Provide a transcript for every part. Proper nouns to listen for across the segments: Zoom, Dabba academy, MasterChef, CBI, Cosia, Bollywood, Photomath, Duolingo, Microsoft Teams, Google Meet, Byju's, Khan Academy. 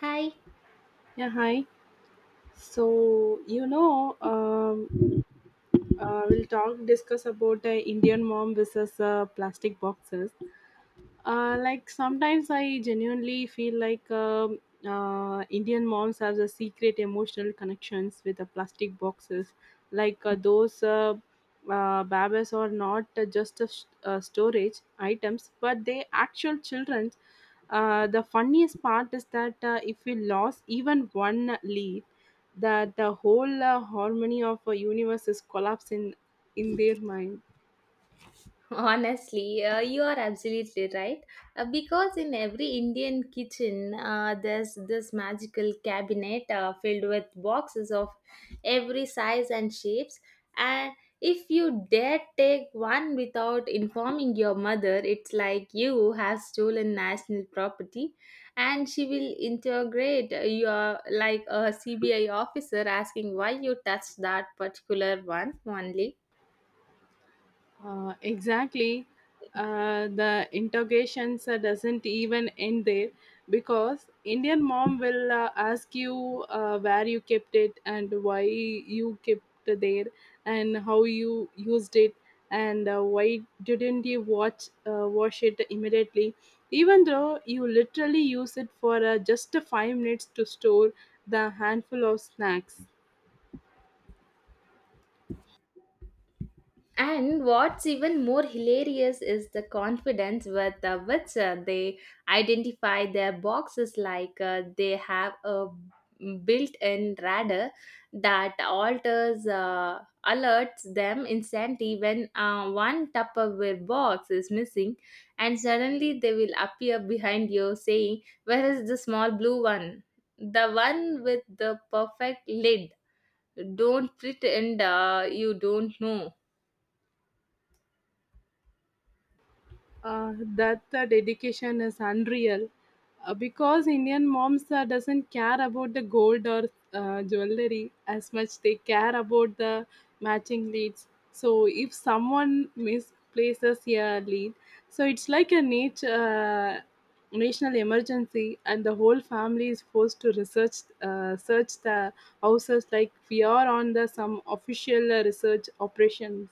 Hi. Yeah, hi. So, we'll discuss about the Indian mom versus plastic boxes. Like sometimes I genuinely feel like Indian moms have the secret emotional connections with the plastic boxes. Like those babies are not just a storage items, but they actual childrens. The funniest part is that if we lost even one leaf that the whole harmony of a universe is collapsing in their mind. Honestly, you are absolutely right. Because in every Indian kitchen, there's this magical cabinet filled with boxes of every size and shapes. And if you dare take one without informing your mother, it's like you have stolen national property, and she will integrate your like a CBI officer asking why you touched that particular one only. Exactly. The interrogations doesn't even end there because Indian mom will ask you where you kept it and why you kept it there and how you used it and why didn't you watch wash it immediately even though you literally use it for just 5 minutes to store the handful of snacks. And what's even more hilarious is the confidence with which they identify their boxes like they have a built in radar that alters alerts them instantly when one Tupperware box is missing, and suddenly they will appear behind you saying, "Where is the small blue one? The one with the perfect lid. Don't pretend you don't know." That the dedication is unreal because Indian moms doesn't care about the gold or jewelry as much they care about the matching leads, so if someone misplaces a lead, so it's like a nature national emergency, and the whole family is forced to research search the houses like we are on the some official research operations.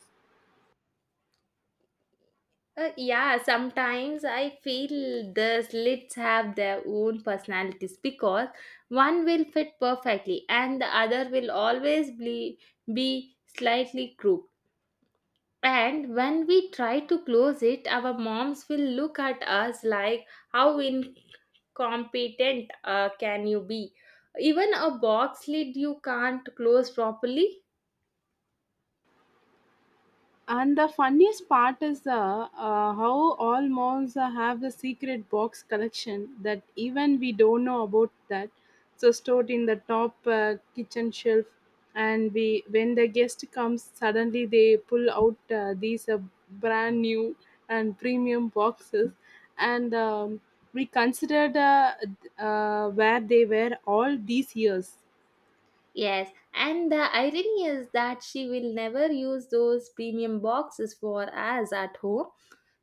Yeah, sometimes I feel the slits have their own personalities because one will fit perfectly and the other will always be, slightly crooked. And when we try to close it, our moms will look at us like, "How incompetent can you be? Even a box lid you can't close properly." And the funniest part is how all malls have the secret box collection that even we don't know about that. So stored in the top kitchen shelf, and we when the guest comes, suddenly they pull out these brand new and premium boxes, and we considered where they were all these years. Yes, and the irony is that she will never use those premium boxes for us at home.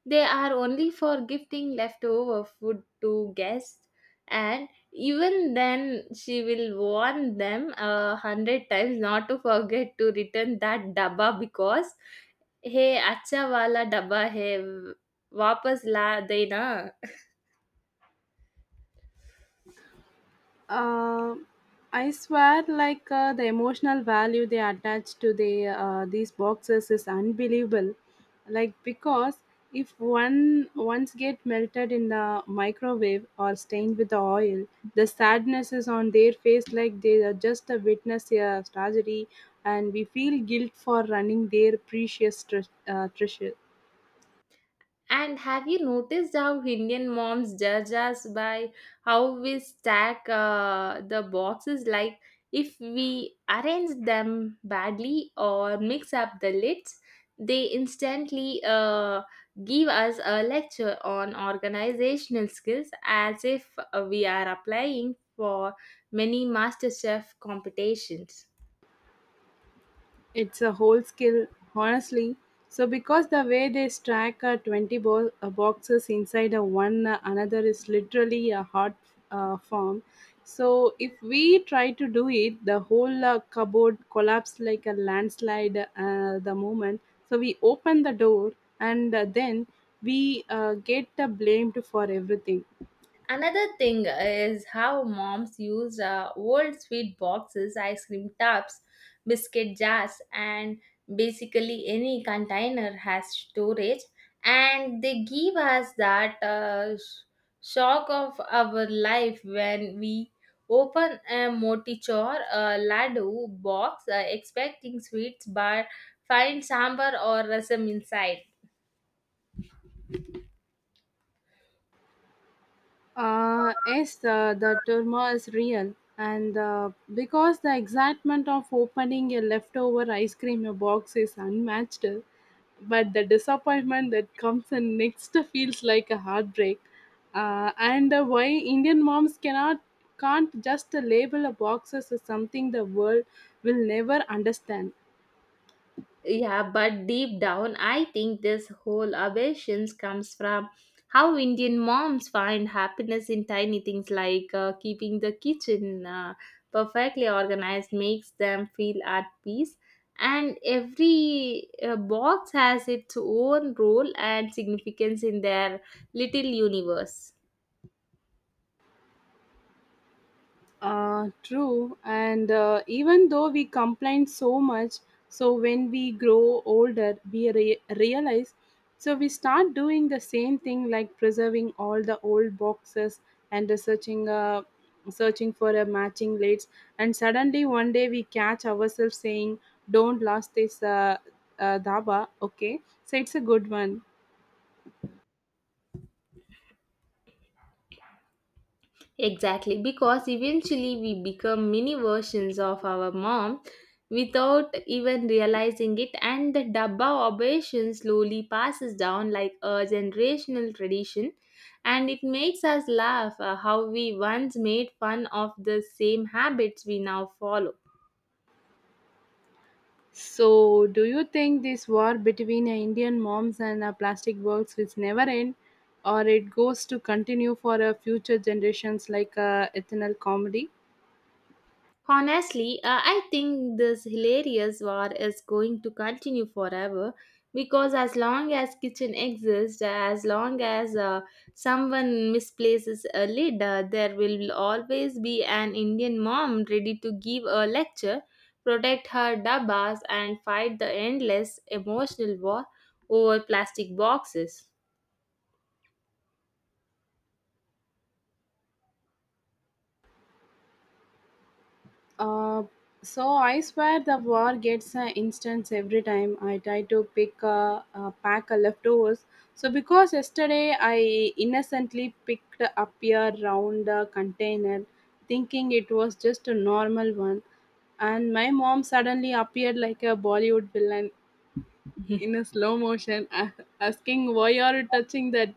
They are only for gifting leftover food to guests, and even then, she will warn them a hundred times not to forget to return that dabba because hey, acha wala dabba hai, वापस ला देना. Uh, I swear, like the emotional value they attach to the these boxes is unbelievable. Like because if one once get melted in the microwave or stained with the oil, the sadness is on their face. Like they are just a witness a tragedy, and we feel guilt for running their precious treasure. And have you noticed how Indian moms judge us by how we stack the boxes? Like if we arrange them badly or mix up the lids, they instantly give us a lecture on organizational skills as if we are applying for many MasterChef competitions. It's a whole skill, honestly. So because the way they stack 20 boxes inside a one another is literally a hard form. So if we try to do it, the whole cupboard collapsed like a landslide the moment. So we open the door and then we get blamed for everything. Another thing is how moms use old sweet boxes, ice cream tubs, biscuit jars, and basically any container has storage. And they give us that shock of our life when we open a motichor a laddu box expecting sweets but find sambar or rasam inside. Yes, the turmoil is real, and because the excitement of opening a leftover ice cream box is unmatched, but the disappointment that comes in next feels like a heartbreak. And why Indian moms cannot can't just label a boxes as something the world will never understand. Yeah, but deep down, I think this whole aversion comes from how Indian moms find happiness in tiny things like keeping the kitchen perfectly organized makes them feel at peace. And every box has its own role and significance in their little universe. True. And even though we complain so much, so when we grow older, we realize, so we start doing the same thing like preserving all the old boxes and searching for a matching lids. And suddenly one day we catch ourselves saying, "Don't last this dhaba." Okay, so it's a good one. Exactly, because eventually we become mini versions of our mom without even realizing it, and the Dabba operation slowly passes down like a generational tradition. And it makes us laugh how we once made fun of the same habits we now follow. So, do you think this war between Indian moms and plastic works will never end, or it goes to continue for future generations like eternal comedy? Honestly, I think this hilarious war is going to continue forever because as long as kitchen exists, as long as someone misplaces a lid, there will always be an Indian mom ready to give a lecture, protect her dabbas, and fight the endless emotional war over plastic boxes. Uh, so I swear the war gets an instance every time I try to pick a pack of leftovers. So because yesterday I innocently picked up a round container, thinking it was just a normal one, and my mom suddenly appeared like a Bollywood villain in a slow motion asking why are you touching that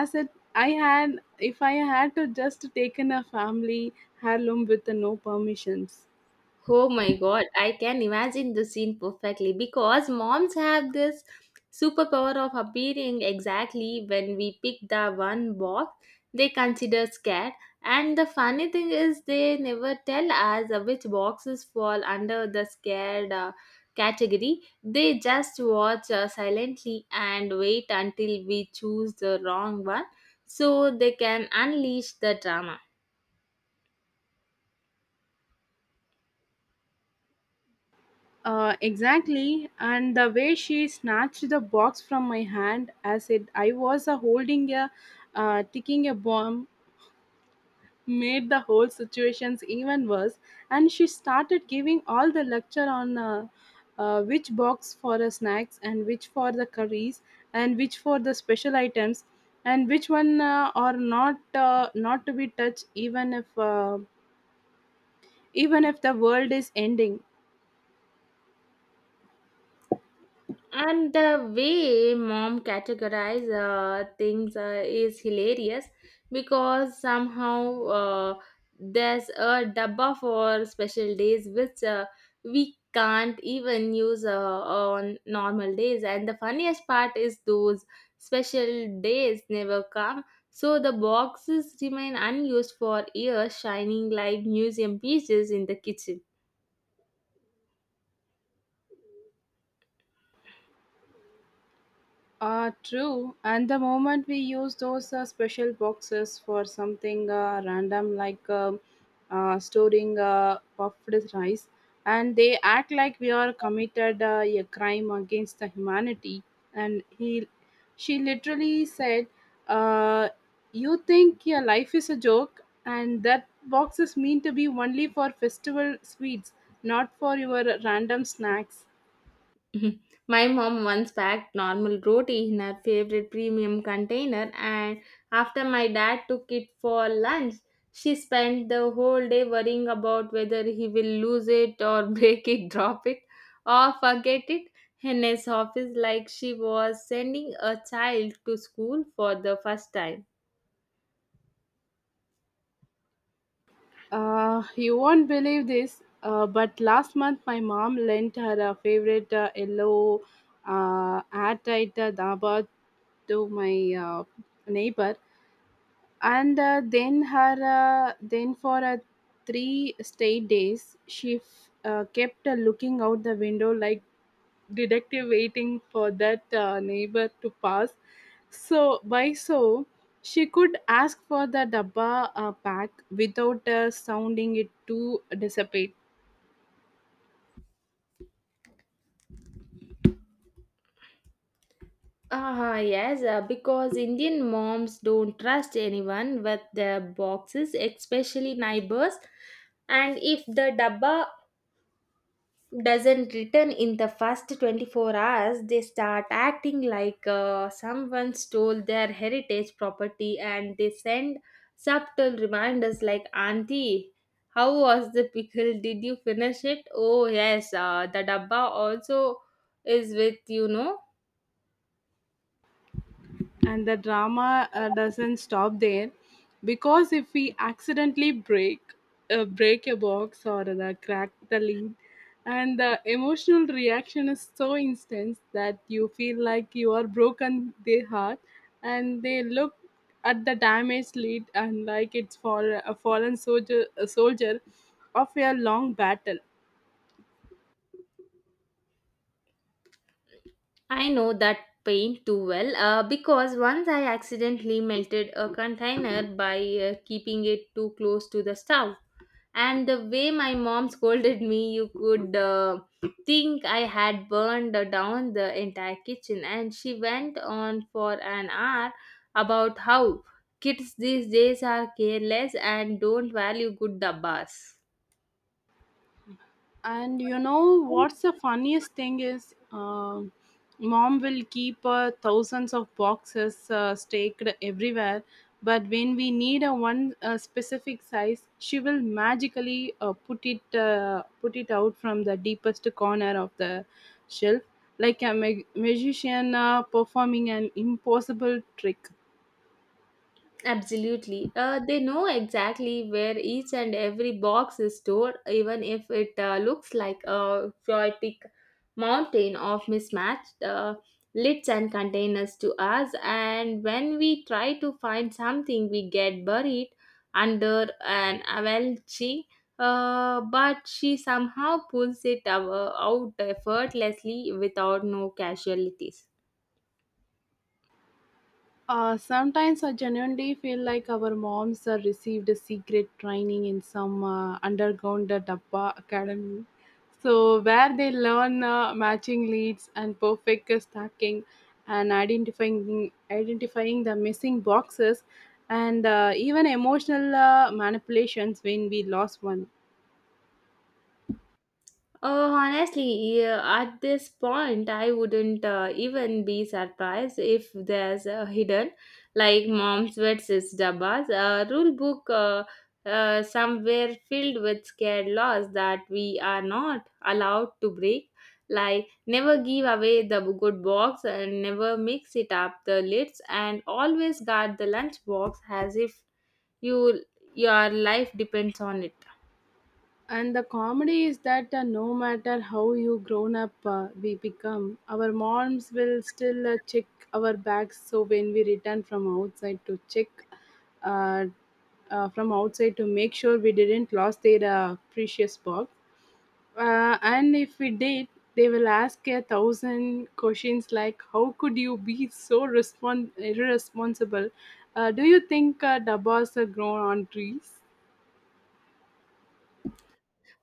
as it I had if I had to just taken a family heirloom with no permissions. Oh my god, I can imagine the scene perfectly because moms have this superpower of appearing exactly when we pick the one box they consider scared. And the funny thing is, they never tell us which boxes fall under the scared category. They just watch silently and wait until we choose the wrong one so they can unleash the drama. Exactly, and the way she snatched the box from my hand as it I was holding a ticking a bomb made the whole situations even worse, and she started giving all the lecture on which box for the snacks and which for the curries and which for the special items and which one are not to be touched even if the world is ending. And the way mom categorize things is hilarious because somehow there's a dabba for special days which we can't even use on normal days. And the funniest part is those special days never come. So the boxes remain unused for years, shining like museum pieces in the kitchen. True. And the moment we use those special boxes for something random like storing puffed rice, and they act like we are committed a crime against the humanity. And she literally said, uh, "You think your life is a joke, and that box is meant to be only for festival sweets, not for your random snacks." Mhm. My mom once packed normal roti in her favorite premium container, and after my dad took it for lunch, she spent the whole day worrying about whether he will lose it or break it, drop it, or forget it in his office, like she was sending a child to school for the first time. You won't believe this, but last month my mom lent her a favorite yellow airtight dhaba to my neighbor, and then for 3 straight days she kept looking out the window like detective waiting for that neighbor to pass. So, she could ask for the dabba pack without sounding it too dissipate. Ah, yes, because Indian moms don't trust anyone with their boxes, especially neighbors. And if the dabba doesn't return in the first 24 hours, they start acting like someone stole their heritage property, and they send subtle reminders like, "Auntie, how was the pickle? Did you finish it? Oh yes, the dabba also is with you know." And the drama doesn't stop there because if we accidentally break a box or the crack the lid, and the emotional reaction is so instant that you feel like you are broken their heart, and they look at the damaged lid and like it's a fallen soldier a soldier of a long battle. I know that pain too well because once I accidentally melted a container by keeping it too close to the stove, and the way my mom scolded me, you could think I had burned down the entire kitchen. And she went on for an hour about how kids these days are careless and don't value good dabbas. And you know what's the funniest thing is, mom will keep thousands of boxes staked everywhere, but when we need a one specific size, she will magically put it out from the deepest corner of the shelf, like a magician performing an impossible trick. Absolutely. They know exactly where each and every box is stored, even if it looks like a chaotic mountain of mismatched lids and containers to us. And when we try to find something, we get buried under an avalanche. But she somehow pulls it out effortlessly without no casualties. Sometimes I genuinely feel like our moms received a secret training in some underground Dabba academy. So, where they learn matching leads and perfect stacking and identifying the missing boxes and even emotional manipulations when we lost one. Honestly, yeah, at this point, I wouldn't even be surprised if there's a hidden, like mom's versus Dabba's, a rule book somewhere filled with scared laws that we are not allowed to break, like never give away the good box and never mix it up the lids, and always guard the lunch box as if you your life depends on it. And the comedy is that no matter how you grown up we become, our moms will still check our bags. So when we return uh, from outside to make sure we didn't lost their precious box. And if we did, they will ask a thousand questions like, "How could you be so irresponsible? Do you think dabbas are grown on trees?"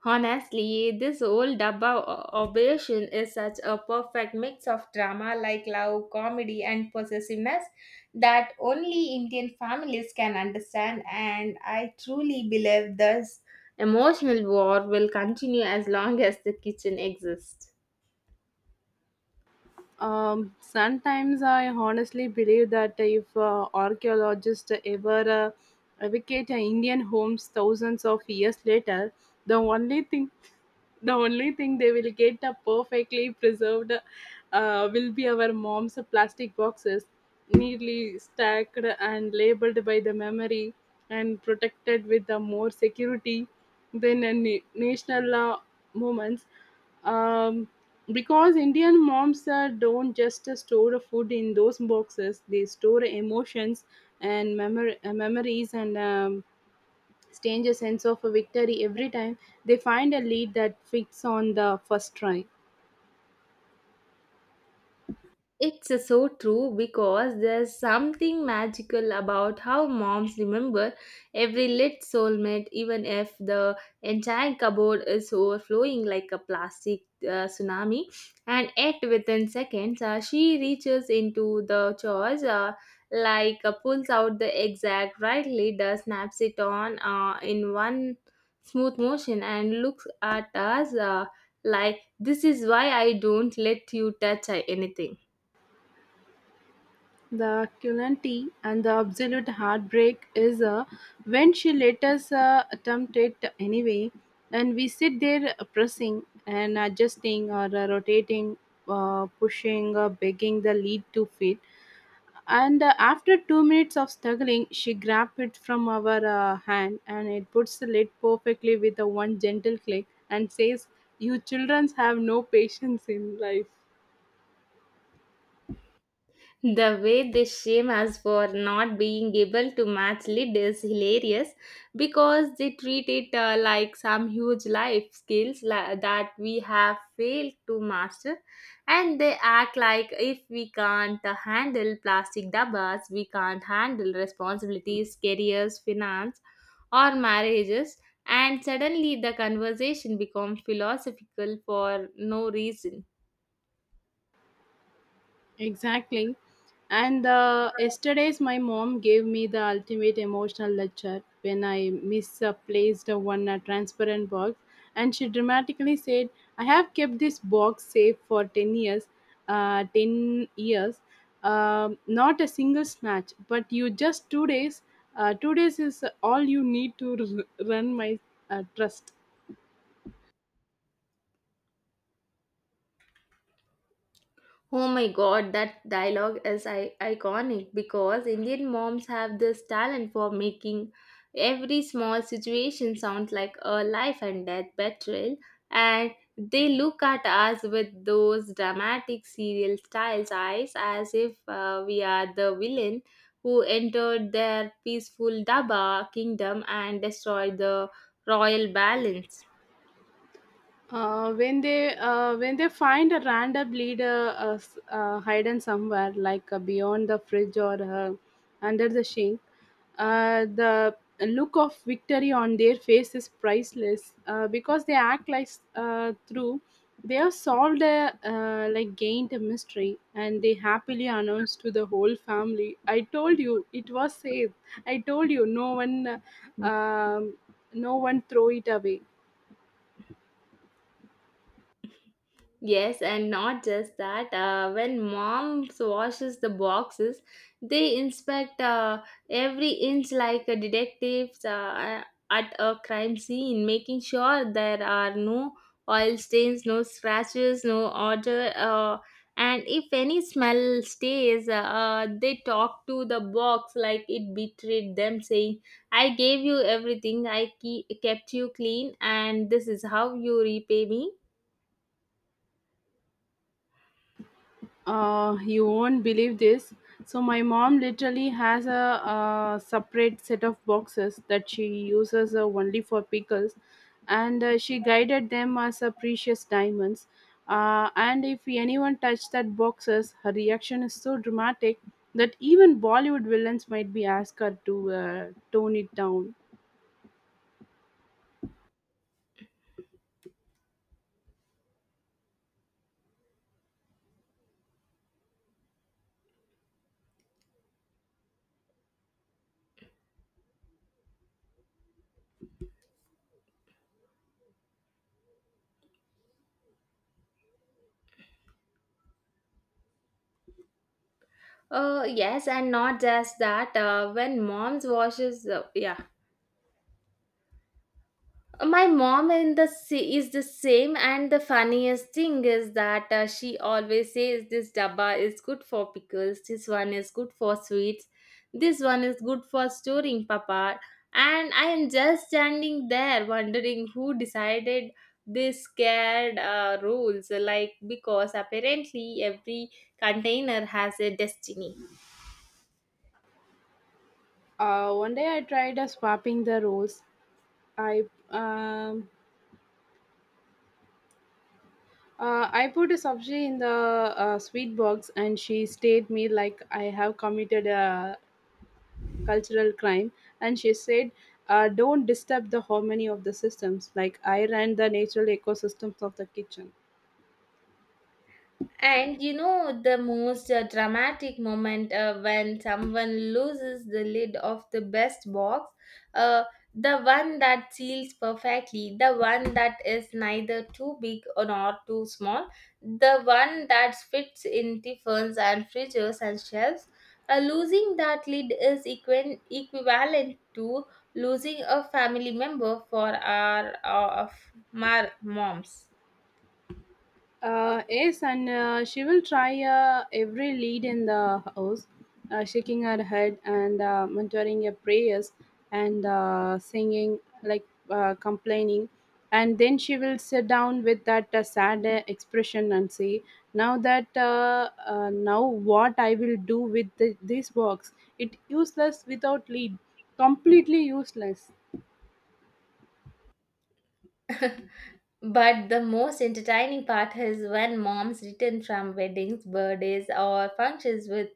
Honestly, this whole operation is such a perfect mix of drama like love, comedy, and possessiveness that only Indian families can understand, and I truly believe this emotional war will continue as long as the kitchen exists. Sometimes I honestly believe that if archaeologists ever advocate Indian homes thousands of years later, the only thing the only thing they will get perfectly preserved will be our mom's plastic boxes, neatly stacked and labeled by the memory and protected with the more security than a national moments. Um, because Indian moms don't just store food in those boxes, they store emotions and memories and change a sense of a victory every time they find a lead that fits on the first try. It's so true because there's something magical about how moms remember every lit soulmate, even if the entire cupboard is overflowing like a plastic tsunami. And yet, within seconds, she reaches into the chores, like pulls out the exact right leader, snaps it on in one smooth motion, and looks at us like, "This is why I don't let you touch anything." The cruelty and the absolute heartbreak is when she let us attempt it anyway, and we sit there pressing and adjusting or rotating pushing or begging the lead to fit. And after 2 minutes of struggling, she grabbed it from our hand and it puts the lid perfectly with a one gentle click and says, "You children have no patience in life." The way they shame us for not being able to match lead is hilarious because they treat it like some huge life skills that we have failed to master. And they act like if we can't handle plastic dabbas, we can't handle responsibilities, careers, finance, or marriages. And suddenly the conversation becomes philosophical for no reason. Exactly. And yesterday's my mom gave me the ultimate emotional lecture when I misplaced one transparent box, and she dramatically said, "I have kept this box safe for 10 years, not a single snatch. But you just two days. 2 days is all you need to run my trust." Oh my god, that dialogue is iconic because Indian moms have this talent for making every small situation sound like a life and death betrayal, and they look at us with those dramatic serial styles eyes as if we are the villain who entered their peaceful Daba kingdom and destroyed the royal balance. When they find a random leader hidden somewhere, like beyond the fridge or under the sink. The look of victory on their face is priceless because they act like through they have like gained a mystery, and they happily announce to the whole family, "I told you it was safe, I told you uh, um, no one throw it away." Yes, and not just that. When mom washes the boxes, they inspect every inch like a detective at a crime scene, making sure there are no oil stains, no scratches, no odor. And if any smell stays, they talk to the box like it betrayed them, saying, "I gave you everything, I kept you clean, and this is how you repay me." You won't believe this. So my mom literally has a separate set of boxes that she uses only for pickles, and she guided them as precious diamonds. And if anyone touched that boxes, her reaction is so dramatic that even Bollywood villains might be asked her to tone it down. Yes, and not just that. When mom's washes, yeah, my mom in the is the same. And the funniest thing is that she always says this dabba is good for pickles, this one is good for sweets, this one is good for storing, Papa. And I am just standing there wondering who decided this scared rules. Like because apparently every container has a destiny. One day I tried swapping the roles. I um I put a sabji in the sweet box and she stared me like I have committed a cultural crime. And she said, "Don't disturb the harmony of the systems. Like I ran the natural ecosystems of the kitchen." And you know the most dramatic moment when someone loses the lid of the best box, uh, the one that seals perfectly, the one that is neither too big or nor too small, the one that fits in tiffins and fridges and shelves. Losing that lid is equivalent to losing a family member for our of our moms. Yes, and she will try every lead in the house, shaking her head and muttering her prayers and singing, like complaining. And then she will sit down with that sad expression and say, "Now what I will do with this box? It useless without lead, completely useless." But the most entertaining part is when moms return from weddings, birthdays, or functions with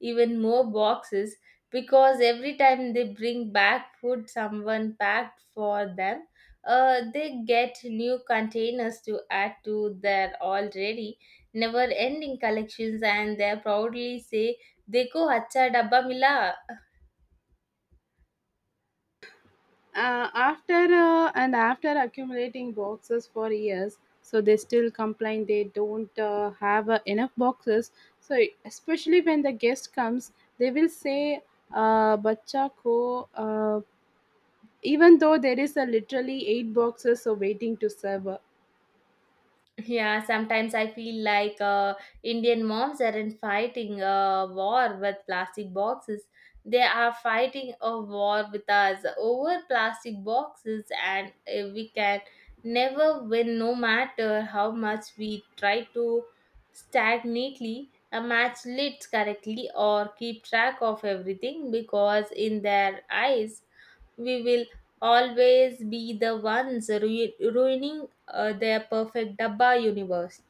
even more boxes because every time they bring back food someone packed for them, they get new containers to add to their already never ending collections, and they proudly say, "Deko, acha dabba mila." After accumulating boxes for years, so they still complain they don't have enough boxes, so especially when the guest comes they will say, bacha ko, even though there is literally 8 boxes so waiting to serve. Yeah, sometimes I feel like Indian moms aren't fighting a war with plastic boxes. They are fighting a war with us over plastic boxes, and we can never win no matter how much we try to stack neatly, match lids correctly, or keep track of everything because, in their eyes, we will always be the ones ruining their perfect Dabba universe.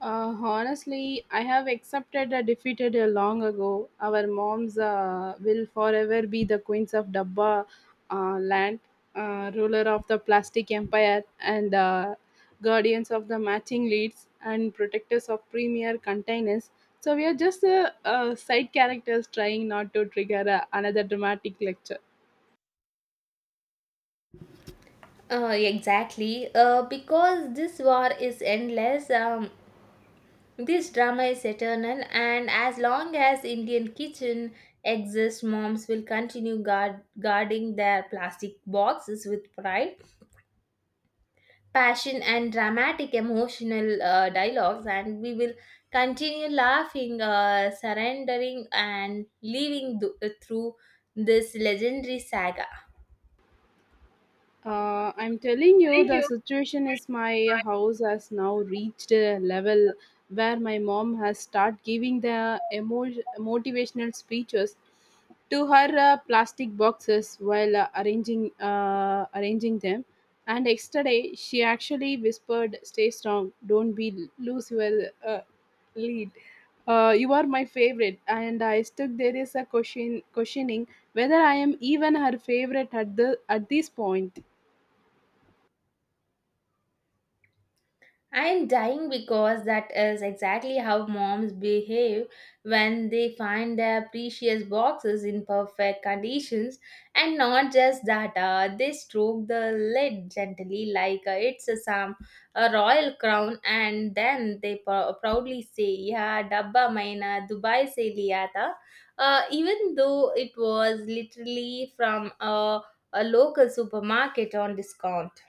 Honestly, I have accepted a defeated long ago. Our moms will forever be the queens of Dabba land, ruler of the plastic empire, and guardians of the matching leads and protectors of premier containers. So we are just side characters trying not to trigger another dramatic lecture. Exactly. Because this war is endless, this drama is eternal, and as long as Indian kitchen exists, moms will continue guarding their plastic boxes with pride, passion, and dramatic emotional dialogues, and we will continue laughing, surrendering, and living through this legendary saga. I'm telling you, the situation is my house has now reached a level where my mom has start giving the motivational speeches to her plastic boxes while arranging them. And yesterday, she actually whispered, "Stay strong. Don't be lose your lead. You are my favorite." And I stuck there is a questioning whether I am even her favorite at the at this point. I'm dying because that is exactly how moms behave when they find their precious boxes in perfect conditions. And not just that, they stroke the lid gently like it's a, some a royal crown, and then they proudly say, "Yeah, dabba maina Dubai se liya tha," even though it was literally from a local supermarket on discount.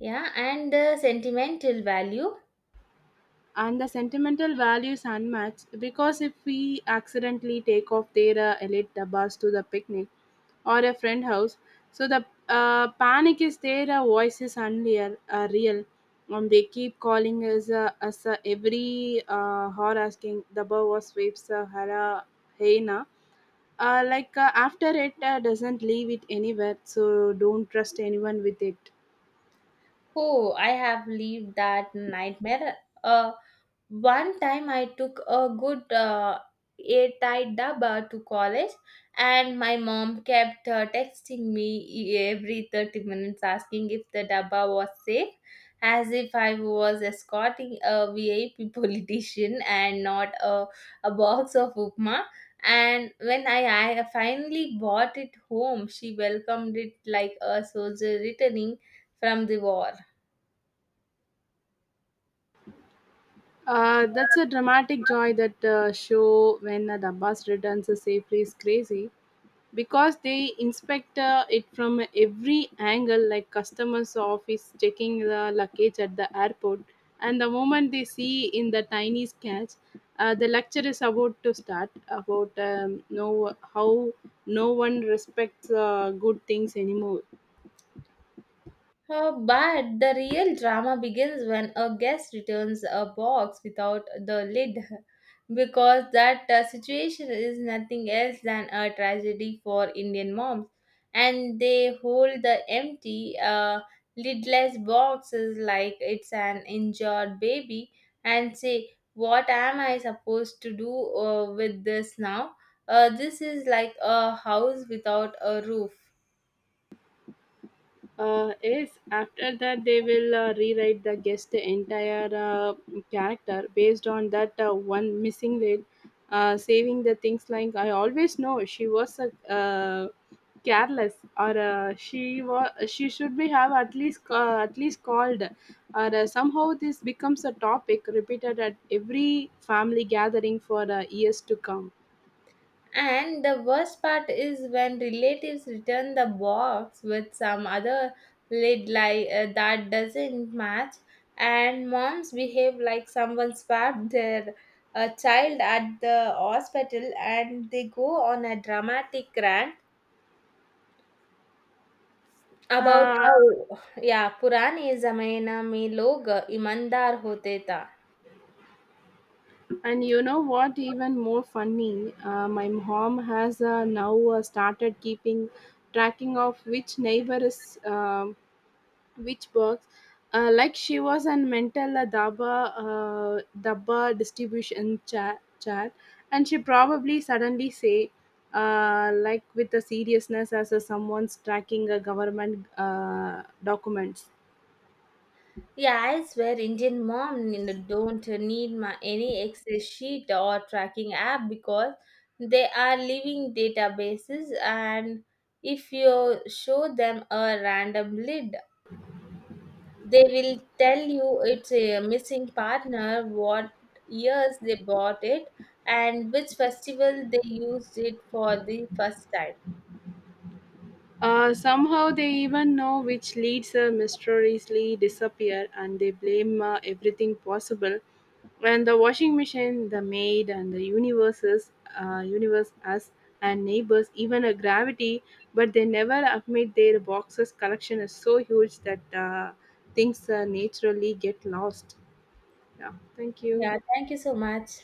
Yeah, and the sentimental value. And the sentimental value is unmatched because if we accidentally take off their elite bus to the picnic or a friend house, so the panic is there a voice is unreal real, they keep calling us, every hour asking the bow was waves hara heina, like after it doesn't leave it anywhere so don't trust anyone with it. Oh, I have lived that nightmare. Uh, One time I took a good airtight dabba to college, and my mom kept texting me every 30 minutes asking if the dabba was safe, as if I was escorting a VIP politician and not a, a box of upma. And when I finally bought it home, she welcomed it like a soldier returning from the war. That's a dramatic joy that show when the bus returns safely is crazy because they inspect it from every angle like customers office checking the luggage at the airport, and the moment they see in the tiny sketch, the lecture is about to start about no how no one respects good things anymore. But the real drama begins when a guest returns a box without the lid, because that situation is nothing else than a tragedy for Indian moms, and they hold the empty, lidless boxes like it's an injured baby and say, "What am I supposed to do with this now? This is like a house without a roof." Yes, after that they will rewrite the guest the entire character based on that one missing red, saving the things like I always know she was a careless or she should be have at least called or somehow this becomes a topic repeated at every family gathering for years to come. And the worst part is when relatives return the box with some other lid like that doesn't match, and moms behave like someone swapped their child at the hospital, and they go on a dramatic rant about Uh, how, yeah, पुराने जमाना में लोग ईमानदार होते था. And you know what? Even more funny, my mom has now started keeping tracking of which neighbor is which box. Like she was an mental uh, daba distribution chat, and she probably suddenly say, like with the seriousness as someone's tracking a government documents. Yeah, I swear, Indian mom, you don't need any Excel sheet or tracking app because they are living databases, and if you show them a random lid, they will tell you it's a missing partner, what years they bought it, and which festival they used it for the first time. Somehow they even know which leads mysteriously disappear and they blame everything possible, and the washing machine, the maid, and the universe us, and neighbors, even a gravity, but they never admit their boxes collection is so huge that things naturally get lost. Yeah, thank you. Yeah, thank you so much.